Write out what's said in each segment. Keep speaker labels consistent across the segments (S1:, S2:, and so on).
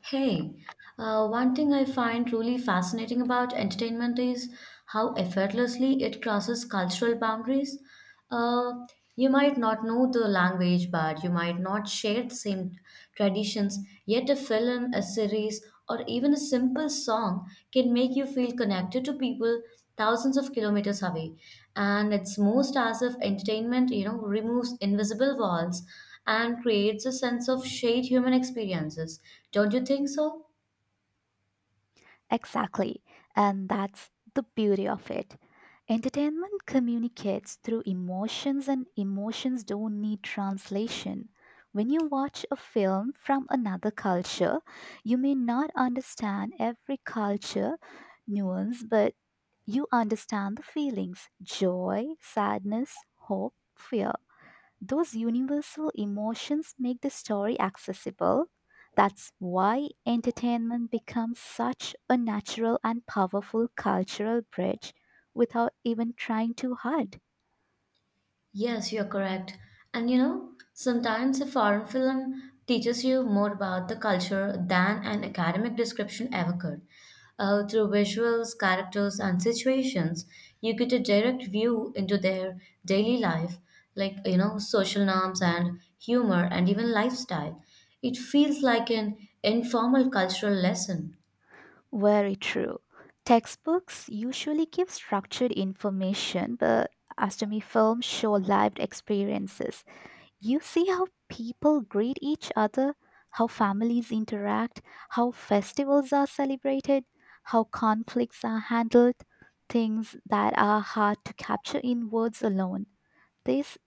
S1: Hey, one thing I find really fascinating about entertainment is how effortlessly it crosses cultural boundaries. Uh, you might not know the language, but you might not share the same traditions, yet, a film, a series, or even a simple song can make you feel connected to people thousands of kilometers away. And it's most as if entertainment, removes invisible walls and creates a sense of shared human experiences. Don't you think so?
S2: Exactly. And that's the beauty of it. Entertainment communicates through emotions, and emotions don't need translation. When you watch a film from another culture, you may not understand every culture nuance, but you understand the feelings: joy, sadness, hope, fear. Those universal emotions make the story accessible. That's why entertainment becomes such a natural and powerful cultural bridge without even trying too hard.
S1: Yes, you're correct. And sometimes a foreign film teaches you more about the culture than an academic description ever could. Through visuals, characters, and situations, you get a direct view into their daily life, like social norms and humor, and even lifestyle. It feels like an informal cultural lesson.
S2: Very true. Textbooks usually give structured information, but astronomy films show lived experiences. You see how people greet each other, how families interact, how festivals are celebrated, how conflicts are handled, things that are hard to capture in words alone. This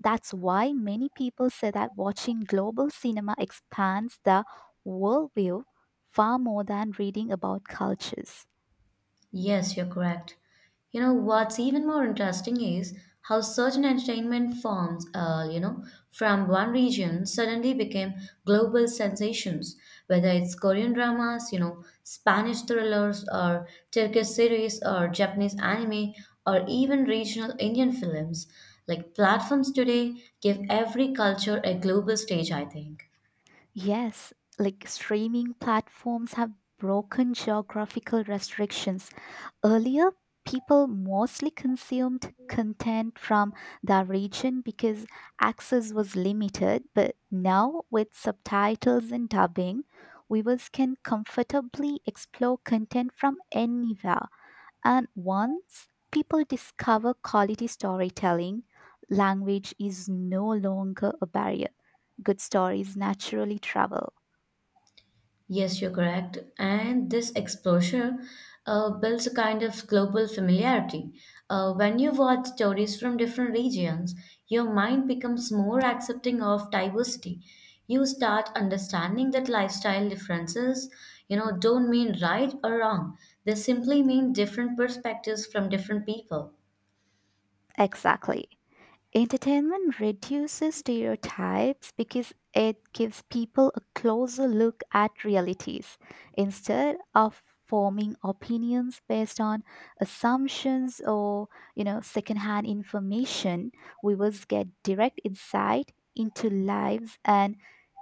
S2: That's why many people say that watching global cinema expands the worldview far more than reading about cultures.
S1: Yes, you're correct. What's even more interesting is how certain entertainment forms, from one region suddenly became global sensations, whether it's Korean dramas, Spanish thrillers, or Turkish series, or Japanese anime, or even regional Indian films. Like platforms today give every culture a global stage, I think.
S2: Yes, like streaming platforms have broken geographical restrictions. Earlier, people mostly consumed content from the region because access was limited, but now, with subtitles and dubbing, viewers can comfortably explore content from anywhere. And once people discover quality storytelling, language is no longer a barrier. Good stories naturally travel.
S1: Yes, you're correct. And this exposure builds a kind of global familiarity. When you watch stories from different regions, your mind becomes more accepting of diversity. You start understanding that lifestyle differences, don't mean right or wrong. They simply mean different perspectives from different people.
S2: Exactly. Entertainment reduces stereotypes because it gives people a closer look at realities instead of forming opinions based on assumptions or, you know, secondhand information. Viewers get direct insight into lives and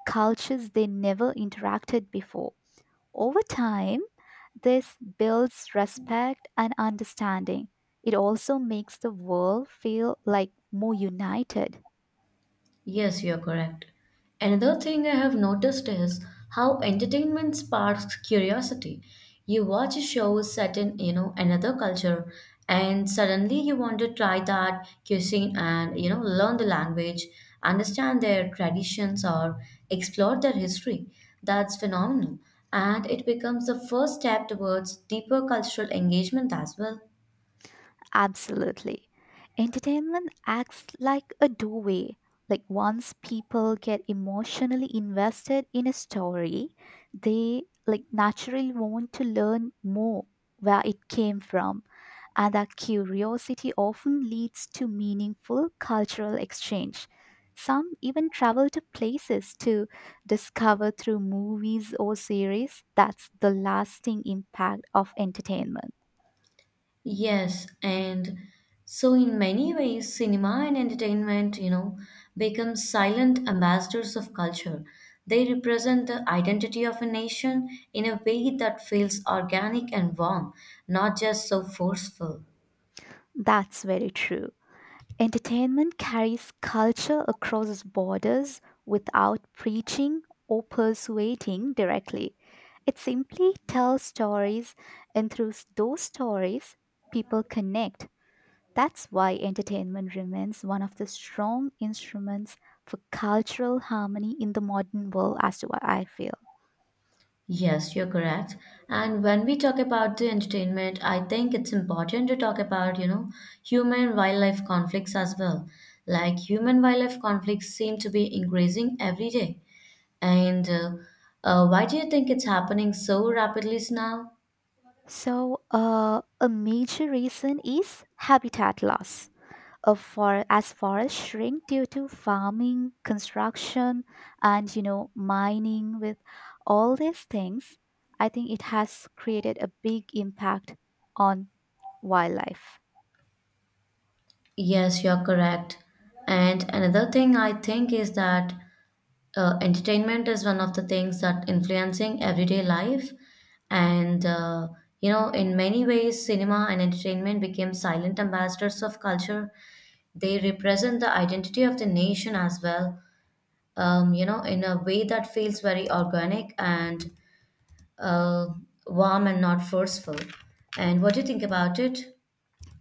S2: cultures they never interacted before. Over time, this builds respect and understanding. It also makes the world feel like more united.
S1: Yes, you're correct. Another thing I have noticed is how entertainment sparks curiosity. You watch a show set in, another culture, and suddenly you want to try that cuisine and, learn the language, understand their traditions, or explore their history. That's phenomenal. And it becomes the first step towards deeper cultural engagement as well.
S2: Absolutely. Entertainment acts like a doorway. Like, once people get emotionally invested in a story, they like naturally want to learn more where it came from. And that curiosity often leads to meaningful cultural exchange. Some even travel to places to discover through movies or series. That's the lasting impact of entertainment.
S1: Yes, and so in many ways, cinema and entertainment, become silent ambassadors of culture. They represent the identity of a nation in a way that feels organic and warm, not just so forceful.
S2: That's very true. Entertainment carries culture across borders without preaching or persuading directly. It simply tells stories, and through those stories, people connect. That's why entertainment remains one of the strong instruments for cultural harmony in the modern world, as to what I feel.
S1: Yes, you're correct. And when we talk about the entertainment, I think it's important to talk about, human wildlife conflicts as well. Like human wildlife conflicts seem to be increasing every day. And why do you think it's happening so rapidly now?
S2: So, a major reason is habitat loss. Of for as forests shrink due to farming, construction, and, you know, mining, with all these things, I think it has created a big impact on wildlife.
S1: Yes, you're correct. And another thing I think is that entertainment is one of the things that influencing everyday life. And in many ways, cinema and entertainment became silent ambassadors of culture. They represent the identity of the nation as well. In a way that feels very organic and uh, warm and not forceful. And what do you think about it?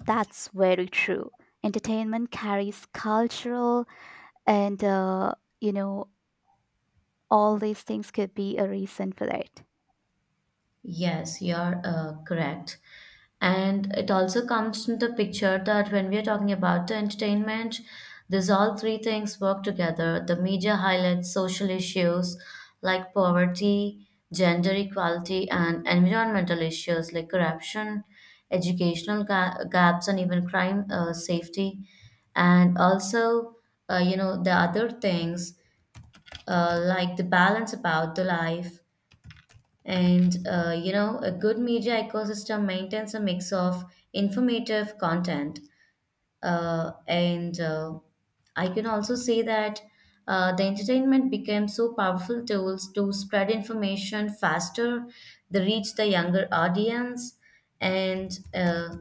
S2: That's very true. Entertainment carries cultural and you know, all these things could be a reason for that.
S1: Yes, you're correct. And it also comes into the picture that when we are talking about the entertainment, these all three things work together. The media highlights social issues like poverty, gender equality, and environmental issues like corruption, educational gaps, and even crime safety. And also, the other things like the balance about the life and a good media ecosystem maintains a mix of informative content. And I can also say that the entertainment became so powerful tools to spread information faster. They reach the younger audience, and uh,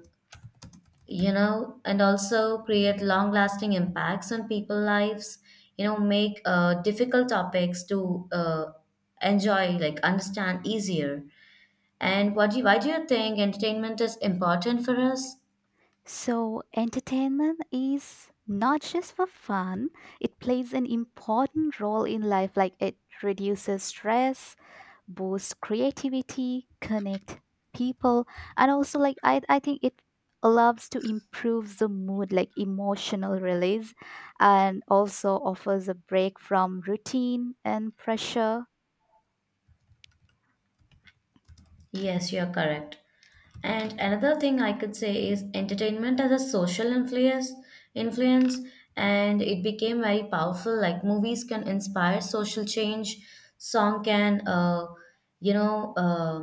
S1: and also create long lasting impacts on people lives, make difficult topics to enjoy, like understand easier. And why do you think entertainment is important for us?
S2: So, entertainment is not just for fun, it plays an important role in life, like it reduces stress, boosts creativity, connect people, and also, like, I think it loves to improve the mood, like emotional release, and also offers a break from routine and pressure.
S1: Yes, you're correct. And another thing I could say is entertainment as a social influence influence and it became very powerful, like movies can inspire social change. Song can you know uh,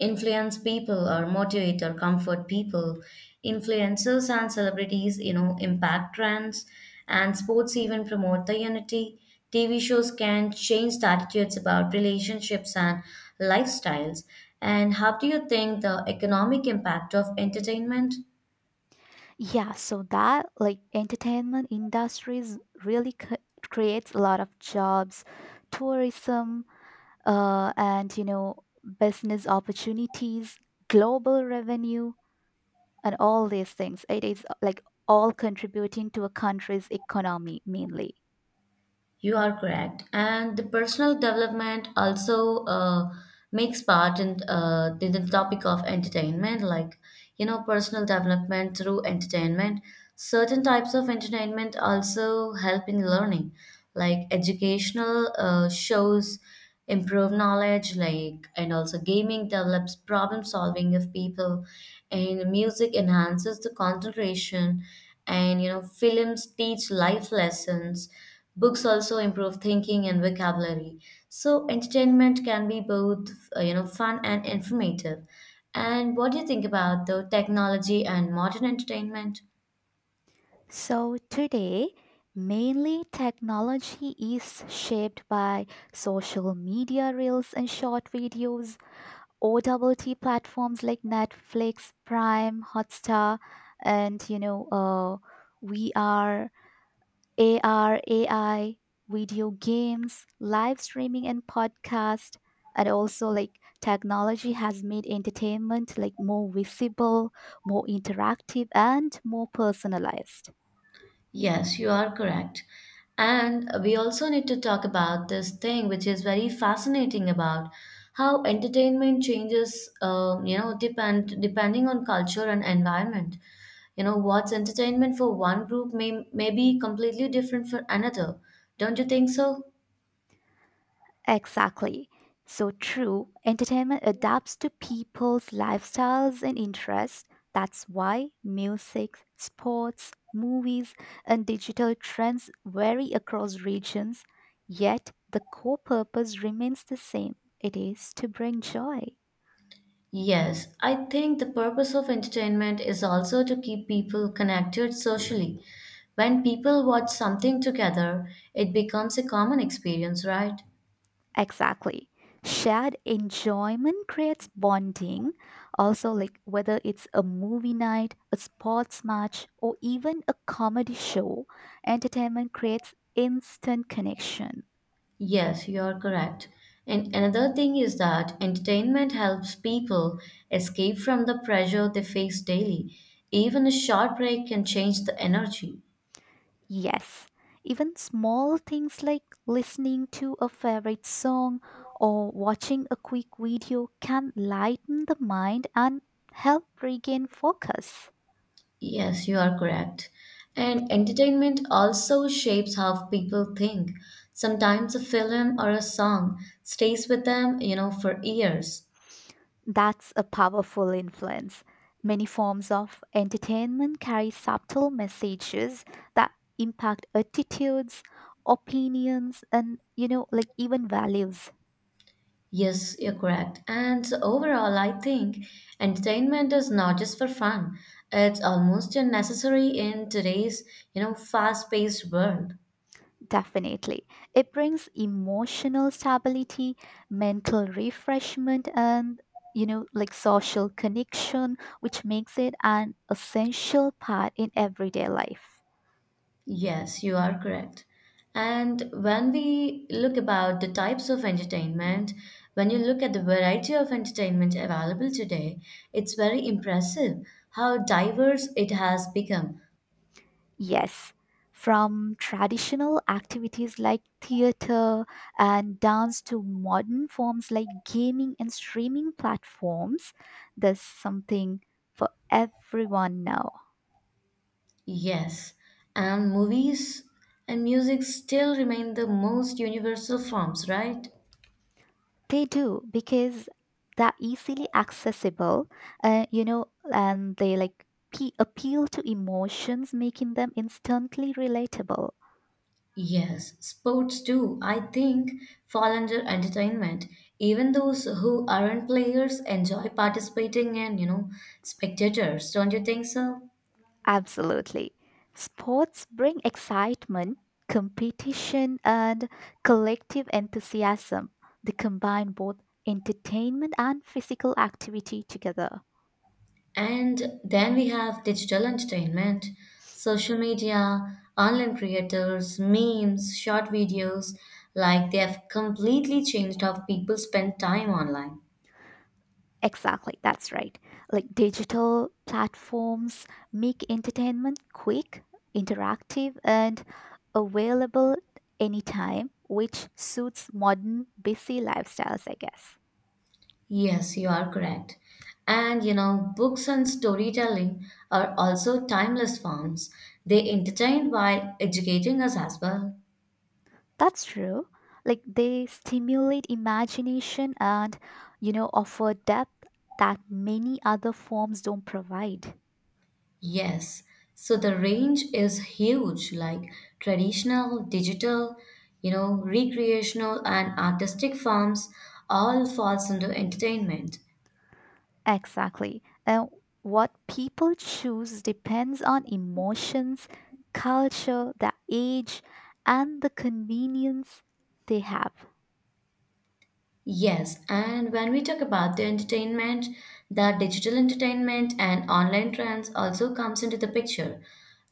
S1: influence people or motivate or comfort people. Influencers and celebrities impact trends, and sports even promote the unity. TV shows can change the attitudes about relationships and lifestyles. And how do you think the economic impact of entertainment?
S2: Yeah, so that like entertainment industries really creates a lot of jobs, tourism, and you know, business opportunities, global revenue, and all these things it is like all contributing to a country's economy mainly.
S1: You are correct. And the personal development also makes part in, the topic of entertainment, like, personal development through entertainment. Certain types of entertainment also help in learning, like educational shows improve knowledge, like, and also gaming develops problem solving of people, and music enhances the concentration, and, films teach life lessons. Books also improve thinking and vocabulary. So entertainment can be both, fun and informative. And what do you think about the technology and modern entertainment?
S2: So today, mainly technology is shaped by social media reels and short videos, OTT platforms like Netflix, Prime, Hotstar, and you know, we are AR, AI, video games, live streaming and podcast. And also, like, technology has made entertainment like more visible, more interactive and more personalized.
S1: Yes, you are correct. And we also need to talk about this thing which is very fascinating about how entertainment changes, depending on culture and environment. What's entertainment for one group may be completely different for another. Don't you think so?
S2: Exactly. So true, entertainment adapts to people's lifestyles and interests. That's why music, sports, movies, and digital trends vary across regions. Yet, the core purpose remains the same: it is to bring joy.
S1: Yes, I think the purpose of entertainment is also to keep people connected socially. When people watch something together, it becomes a common experience, right?
S2: Exactly. Shared enjoyment creates bonding. Also, like, whether it's a movie night, a sports match, or even a comedy show, entertainment creates instant connection.
S1: Yes, you are correct. And another thing is that entertainment helps people escape from the pressure they face daily. Even a short break can change the energy.
S2: Yes. Even small things like listening to a favorite song or watching a quick video can lighten the mind and help regain focus.
S1: Yes, you are correct. And entertainment also shapes how people think. Sometimes a film or a song stays with them, for years.
S2: That's a powerful influence. Many forms of entertainment carry subtle messages that impact attitudes, opinions, and, you know, like even values.
S1: Yes, you're correct. And so overall, I think entertainment is not just for fun. It's almost a necessary in today's, fast-paced world.
S2: Definitely. It brings emotional stability, mental refreshment, and, you know, like social connection, which makes it an essential part in everyday life.
S1: Yes, you are correct. And when we look about the types of entertainment, when you look at the variety of entertainment available today, it's very impressive how diverse it has become.
S2: Yes, from traditional activities like theater and dance to modern forms like gaming and streaming platforms, there's something for everyone now.
S1: Yes, and movies and music still remain the most universal forms, right?
S2: They do because they're easily accessible, you know, and they like appeal to emotions, making them instantly relatable.
S1: Yes, sports too, I think, fall under entertainment. Even those who aren't players enjoy participating and, spectators, don't you think so?
S2: Absolutely. Sports bring excitement, competition, and collective enthusiasm. They combine both entertainment and physical activity together.
S1: And then we have digital entertainment, social media, online creators, memes, short videos, like they have completely changed how people spend time online.
S2: Exactly, that's right. Like, digital platforms make entertainment quick, interactive, and available anytime, which suits modern busy lifestyles, I guess.
S1: Yes, you are correct. And books and storytelling are also timeless forms. They entertain while educating us as well.
S2: That's true. Like, they stimulate imagination and, you know, offer depth that many other forms don't provide.
S1: Yes. So the range is huge, like traditional, digital, recreational and artistic forms all falls into entertainment.
S2: Exactly. And what people choose depends on emotions, culture, their age, and the convenience they have.
S1: Yes, and when we talk about the entertainment, the digital entertainment and online trends also comes into the picture.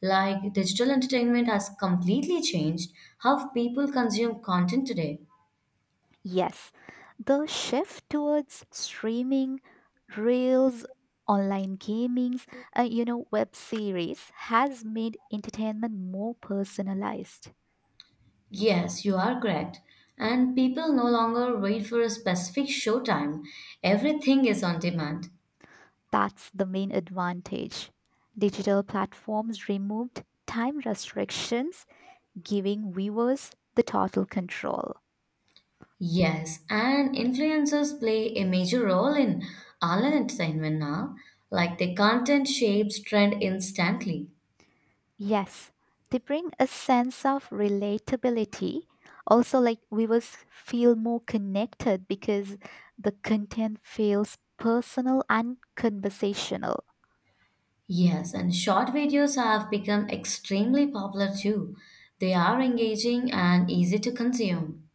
S1: Like digital entertainment has completely changed how people consume content today.
S2: Yes, the shift towards streaming, reels, online gamings, you know, web series has made entertainment more personalized.
S1: Yes, you are correct. And people no longer wait for a specific showtime. Everything is on demand.
S2: That's the main advantage. Digital platforms removed time restrictions, giving viewers the total control.
S1: Yes, and influencers play a major role in online entertainment now. Like the content shapes trend instantly.
S2: Yes, they bring a sense of relatability. Also, like, viewers feel more connected because the content feels personal and conversational.
S1: Yes, and short videos have become extremely popular too. They are engaging and easy to consume.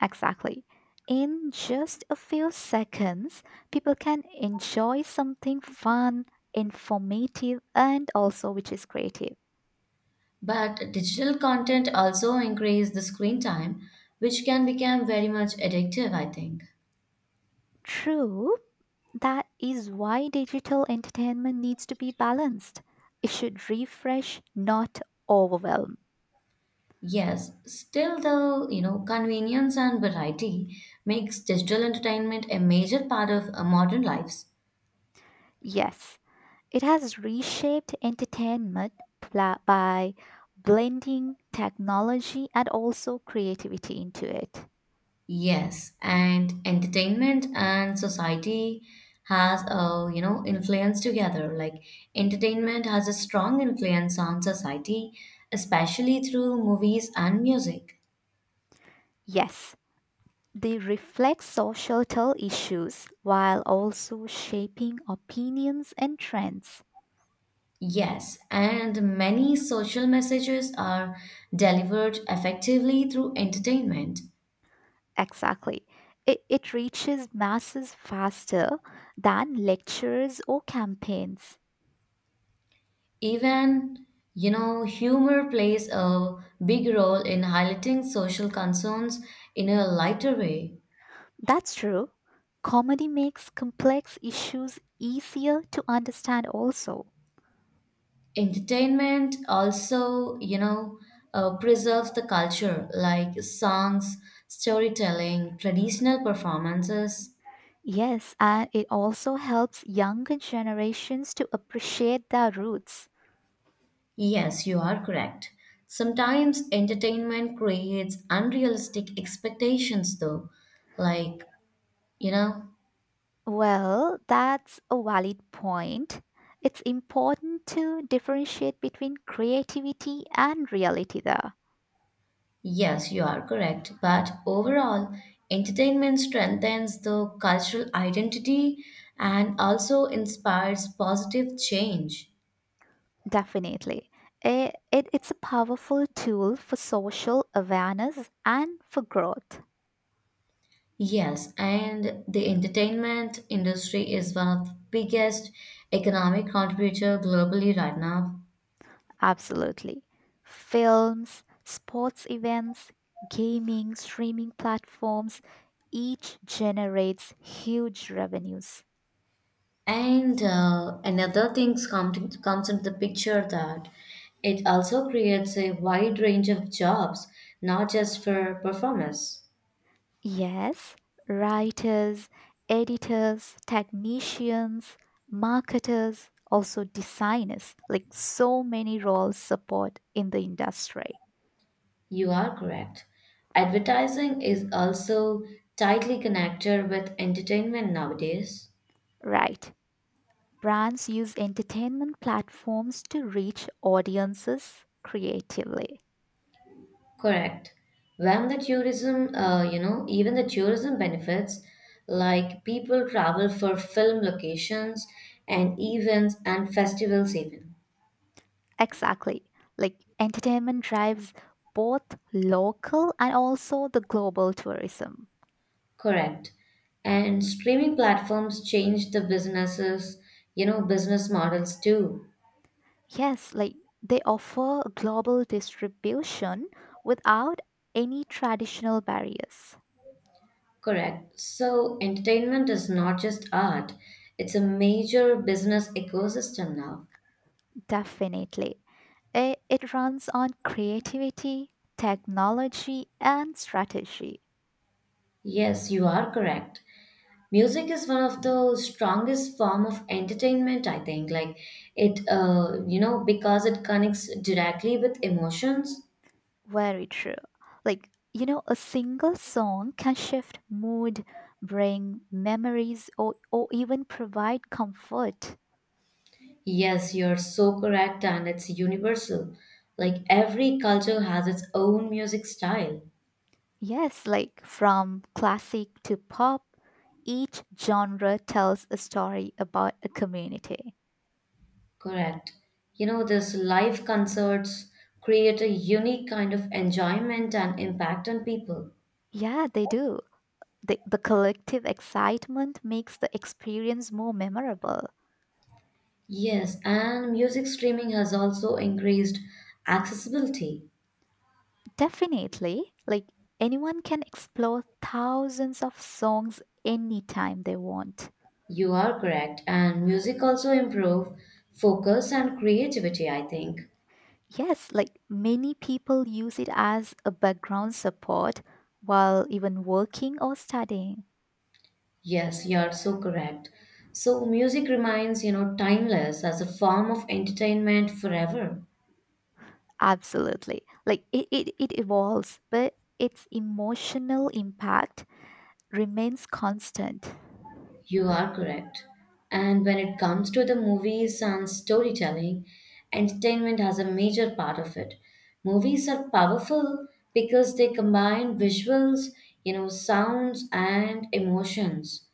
S2: Exactly. In just a few seconds, people can enjoy something fun, informative, and also which is creative.
S1: But digital content also increase the screen time, which can become very much addictive, I think.
S2: True, that is why digital entertainment needs to be balanced. It should refresh, not overwhelm.
S1: Yes, still though, convenience and variety makes digital entertainment a major part of modern lives.
S2: Yes, it has reshaped entertainment by blending technology and also creativity into it.
S1: Yes, and entertainment and society has a influence together. Like entertainment has a strong influence on society, especially through movies and music.
S2: Yes, they reflect societal issues while also shaping opinions and trends.
S1: Yes, and many social messages are delivered effectively through entertainment.
S2: Exactly. It reaches masses faster than lectures or campaigns.
S1: Even, humor plays a big role in highlighting social concerns in a lighter way.
S2: That's true. Comedy makes complex issues easier to understand, also.
S1: Entertainment also preserves the culture like songs, storytelling, traditional performances.
S2: Yes, and it also helps younger generations to appreciate their roots.
S1: Yes, you are correct. Sometimes entertainment creates unrealistic expectations, though, like, you know
S2: Well, that's a valid point. It's important to differentiate between creativity and reality, there.
S1: yes, you are correct. But overall entertainment strengthens the cultural identity and also inspires positive change.
S2: Definitely. It's a powerful tool for social awareness and for growth.
S1: Yes, and the entertainment industry is one of the biggest economic contributor globally right now.
S2: Absolutely. Films, sports events, gaming, streaming platforms, each generates huge revenues.
S1: And another thing comes into the picture that it also creates a wide range of jobs, not just for performers.
S2: Yes, writers, editors, technicians, marketers, also designers, like so many roles support in the industry.
S1: You are correct. Advertising is also tightly connected with entertainment nowadays.
S2: Right. Brands use entertainment platforms to reach audiences creatively.
S1: Correct. When the tourism, even the tourism benefits, like people travel for film locations and events and festivals, even.
S2: Exactly. Like, entertainment drives both local and also the global tourism.
S1: Correct. And streaming platforms change the businesses, business models too.
S2: Yes, like they offer global distribution without any traditional barriers.
S1: Correct. So entertainment is not just art, it's a major business ecosystem now.
S2: Definitely. It runs on creativity, technology, and strategy.
S1: Yes, you are correct. Music is one of the strongest form of entertainment, I think, like it because it connects directly with emotions.
S2: Very true. Like, you know, a single song can shift mood, bring memories, or, even provide comfort.
S1: Yes, you're so correct, and it's universal, like every culture has its own music style.
S2: Yes, like from classic to pop, each genre tells a story about a community.
S1: Correct. This live concerts create a unique kind of enjoyment and impact on people.
S2: Yeah, they do. The collective excitement makes the experience more memorable.
S1: Yes, and music streaming has also increased accessibility.
S2: Definitely. Like, anyone can explore thousands of songs anytime they want.
S1: You are correct, and music also improve focus and creativity, I think.
S2: Yes, like many people use it as a background support while even working or studying.
S1: Yes, you are so correct. So music remains, timeless as a form of entertainment forever.
S2: Absolutely. Like, it evolves, but its emotional impact remains constant.
S1: You are correct. And when it comes to the movies and storytelling, entertainment has a major part of it. Movies are powerful because they combine visuals, sounds and emotions.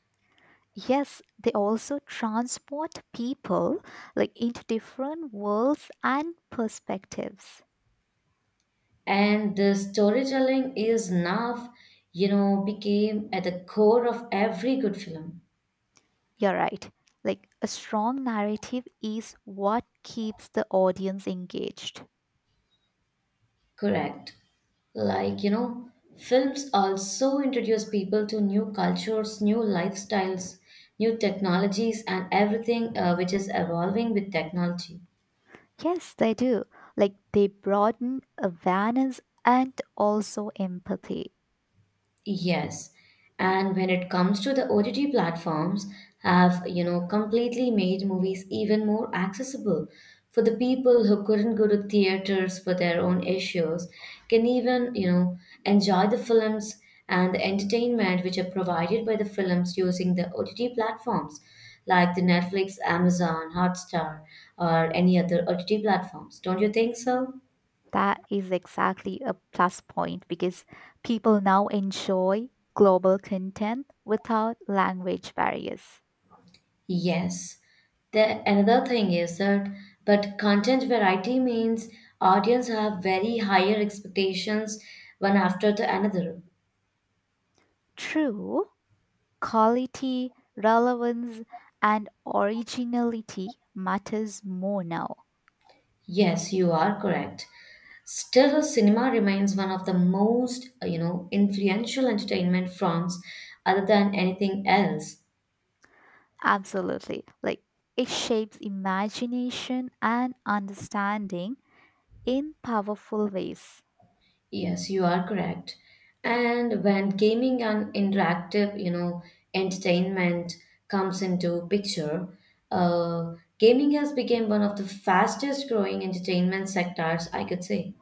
S2: Yes, they also transport people like into different worlds and perspectives.
S1: And the storytelling is now became at the core of every good film.
S2: You're right. Like, a strong narrative is what keeps the audience engaged.
S1: Correct, like films also introduce people to new cultures, new lifestyles, new technologies and everything, which is evolving with technology.
S2: Yes, they do. Like, they broaden awareness and also empathy.
S1: Yes. And when it comes to the OTT platforms have, completely made movies even more accessible for the people who couldn't go to theaters for their own issues, can enjoy the films and the entertainment which are provided by the films using the OTT platforms like the Netflix, Amazon, Hotstar, or any other OTT platforms. Don't you think so?
S2: That is exactly a plus point because people now enjoy global content without language barriers.
S1: Yes. The another thing is that but content variety means audience have very higher expectations one after the another.
S2: True, quality, relevance, and originality matters more now.
S1: Yes, you are correct. Still, cinema remains one of the most, influential entertainment forms other than anything else.
S2: Absolutely. Like, it shapes imagination and understanding in powerful ways.
S1: Yes, you are correct. And when gaming and interactive entertainment comes into picture, gaming has become one of the fastest growing entertainment sectors, I could say.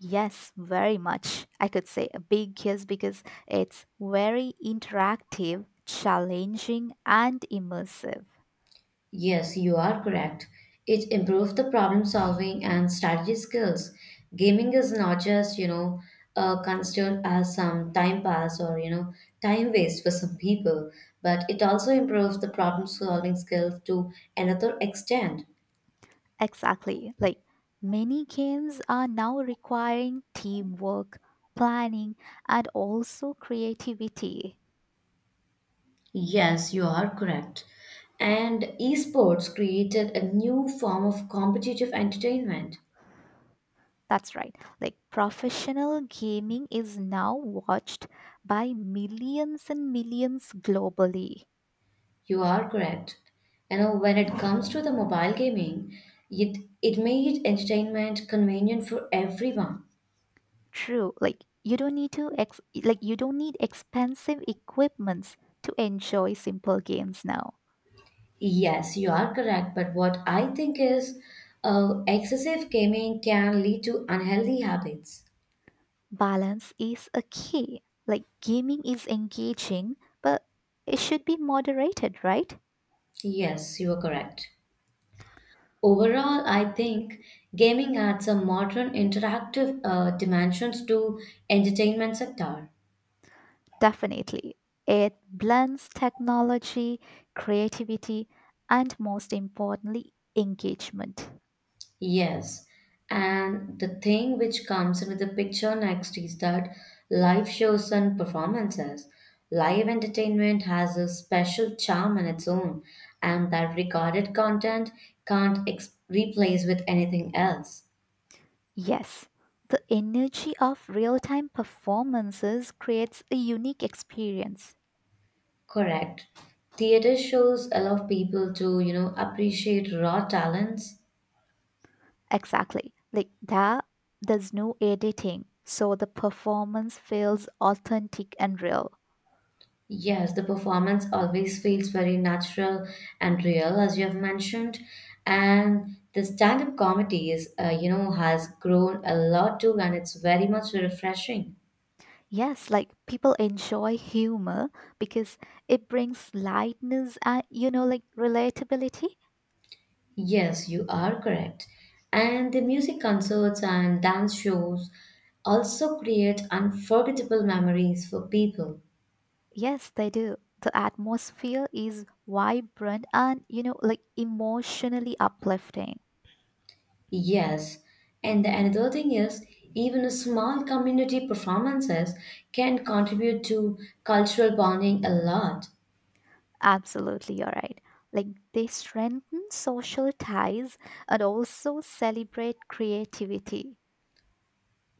S2: Yes, very much. I could say a big yes because it's very interactive, challenging, and immersive.
S1: Yes, you are correct. It improves the problem solving and strategy skills. Gaming is not just considered as some time pass or time waste for some people, but it also improves the problem solving skills to another extent.
S2: Exactly. Like, many games are now requiring teamwork, planning, and also creativity.
S1: Yes, you are correct. And esports created a new form of competitive entertainment.
S2: That's right. Like, professional gaming is now watched by millions and millions globally.
S1: You are correct. You know, when it comes to the mobile gaming, it made entertainment convenient for everyone.
S2: True, like you don't need to ex- like you don't need expensive equipments to enjoy simple games now.
S1: Yes, you are correct. But what I think is excessive gaming can lead to unhealthy habits.
S2: Balance is a key. Like, gaming is engaging, but it should be moderated, right?
S1: Yes, you are correct. Overall, I think gaming adds a modern interactive dimensions to entertainment sector.
S2: Definitely. It blends technology, creativity, and most importantly, engagement.
S1: Yes, and the thing which comes into the picture next is that live shows and performances. Live entertainment has a special charm in its own, and that recorded content can't ex- replace with anything else.
S2: Yes, the energy of real-time performances creates a unique experience.
S1: Correct. Theater shows allow people to, you know, appreciate raw talents.
S2: Exactly. Like that, there's no editing, so the performance feels authentic and real.
S1: Yes, the performance always feels very natural and real, as you have mentioned. And the stand-up comedy is, has grown a lot too, and it's very much refreshing.
S2: Yes, like people enjoy humor because it brings lightness and, you know, like relatability.
S1: Yes, you are correct. And the music concerts and dance shows also create unforgettable memories for people.
S2: Yes, they do. The atmosphere is vibrant and, you know, like emotionally uplifting.
S1: Yes, and the another thing is even a small community performances can contribute to cultural bonding a lot.
S2: Absolutely, you're right. Like, they strengthen social ties and also celebrate creativity.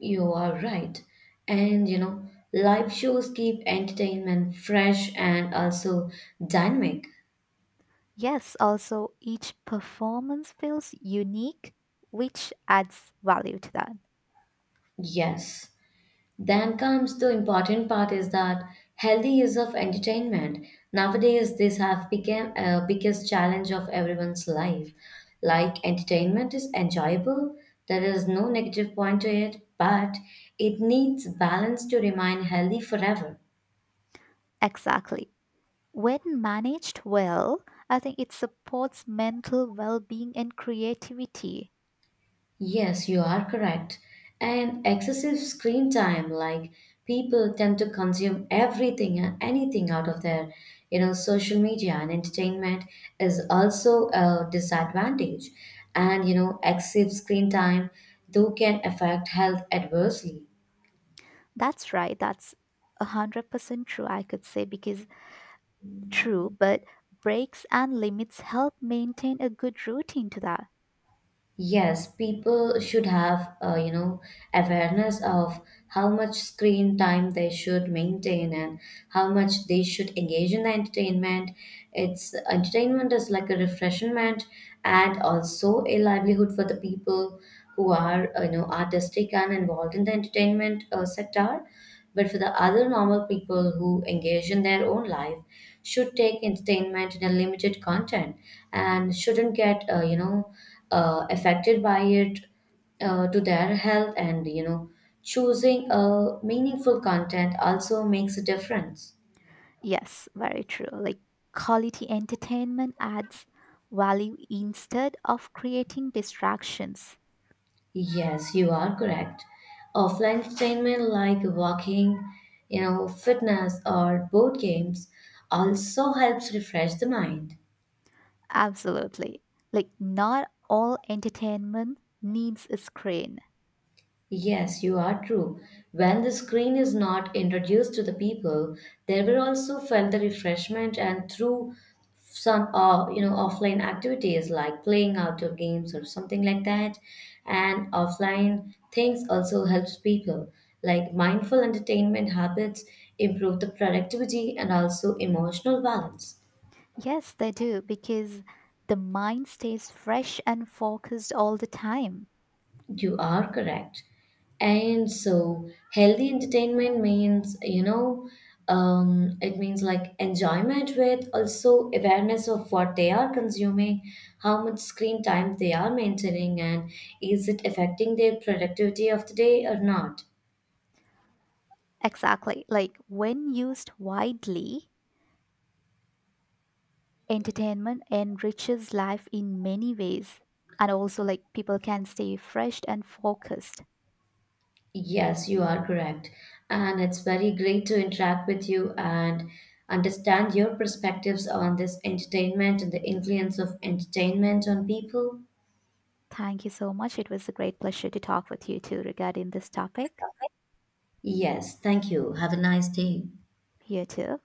S1: You are right. And you know, live shows keep entertainment fresh and also dynamic.
S2: Yes, also each performance feels unique, which adds value to that.
S1: Yes. Then comes the important part is that healthy use of entertainment. Nowadays, this have become a biggest challenge of everyone's life. Like entertainment is enjoyable, there is no negative point to it, but it needs balance to remain healthy forever.
S2: Exactly. When managed well, I think it supports mental well being and creativity.
S1: Yes, you are correct. And excessive screen time, like people tend to consume everything and anything out of their, you know, social media and entertainment is also a disadvantage. And you know, excessive screen time though can affect health adversely.
S2: That's right. That's 100% true, I could say, because true, but breaks and limits help maintain a good routine to that.
S1: Yes, people should have, awareness of how much screen time they should maintain and how much they should engage in the entertainment. It's entertainment is like a refreshment and also a livelihood for the people who are artistic and involved in the entertainment sector, but for the other normal people who engage in their own life should take entertainment in a limited content and shouldn't get affected by it to their health, and you know, choosing a meaningful content also makes a difference.
S2: Yes, very true. Like, quality entertainment adds value instead of creating distractions.
S1: Yes, you are correct. Offline entertainment like walking, you know, fitness or board games also helps refresh the mind.
S2: Absolutely. Like, not all entertainment needs a screen.
S1: Yes, you are true. When the screen is not introduced to the people, they will also felt the refreshment and through some offline activities like playing outdoor games or something like that. And offline things also helps people like mindful entertainment habits improve the productivity and also emotional balance.
S2: Yes, they do, because the mind stays fresh and focused all the time.
S1: You are correct. And so, healthy entertainment means, you know, it means like enjoyment with also awareness of what they are consuming, how much screen time they are maintaining, and is it affecting their productivity of the day or not?
S2: Exactly. Like, when used widely, entertainment enriches life in many ways. And also, like, people can stay fresh and focused.
S1: Yes, you are correct. And it's very great to interact with you and understand your perspectives on this entertainment and the influence of entertainment on people.
S2: Thank you so much. It was a great pleasure to talk with you too regarding this topic.
S1: Yes, thank you. Have a nice day.
S2: You too.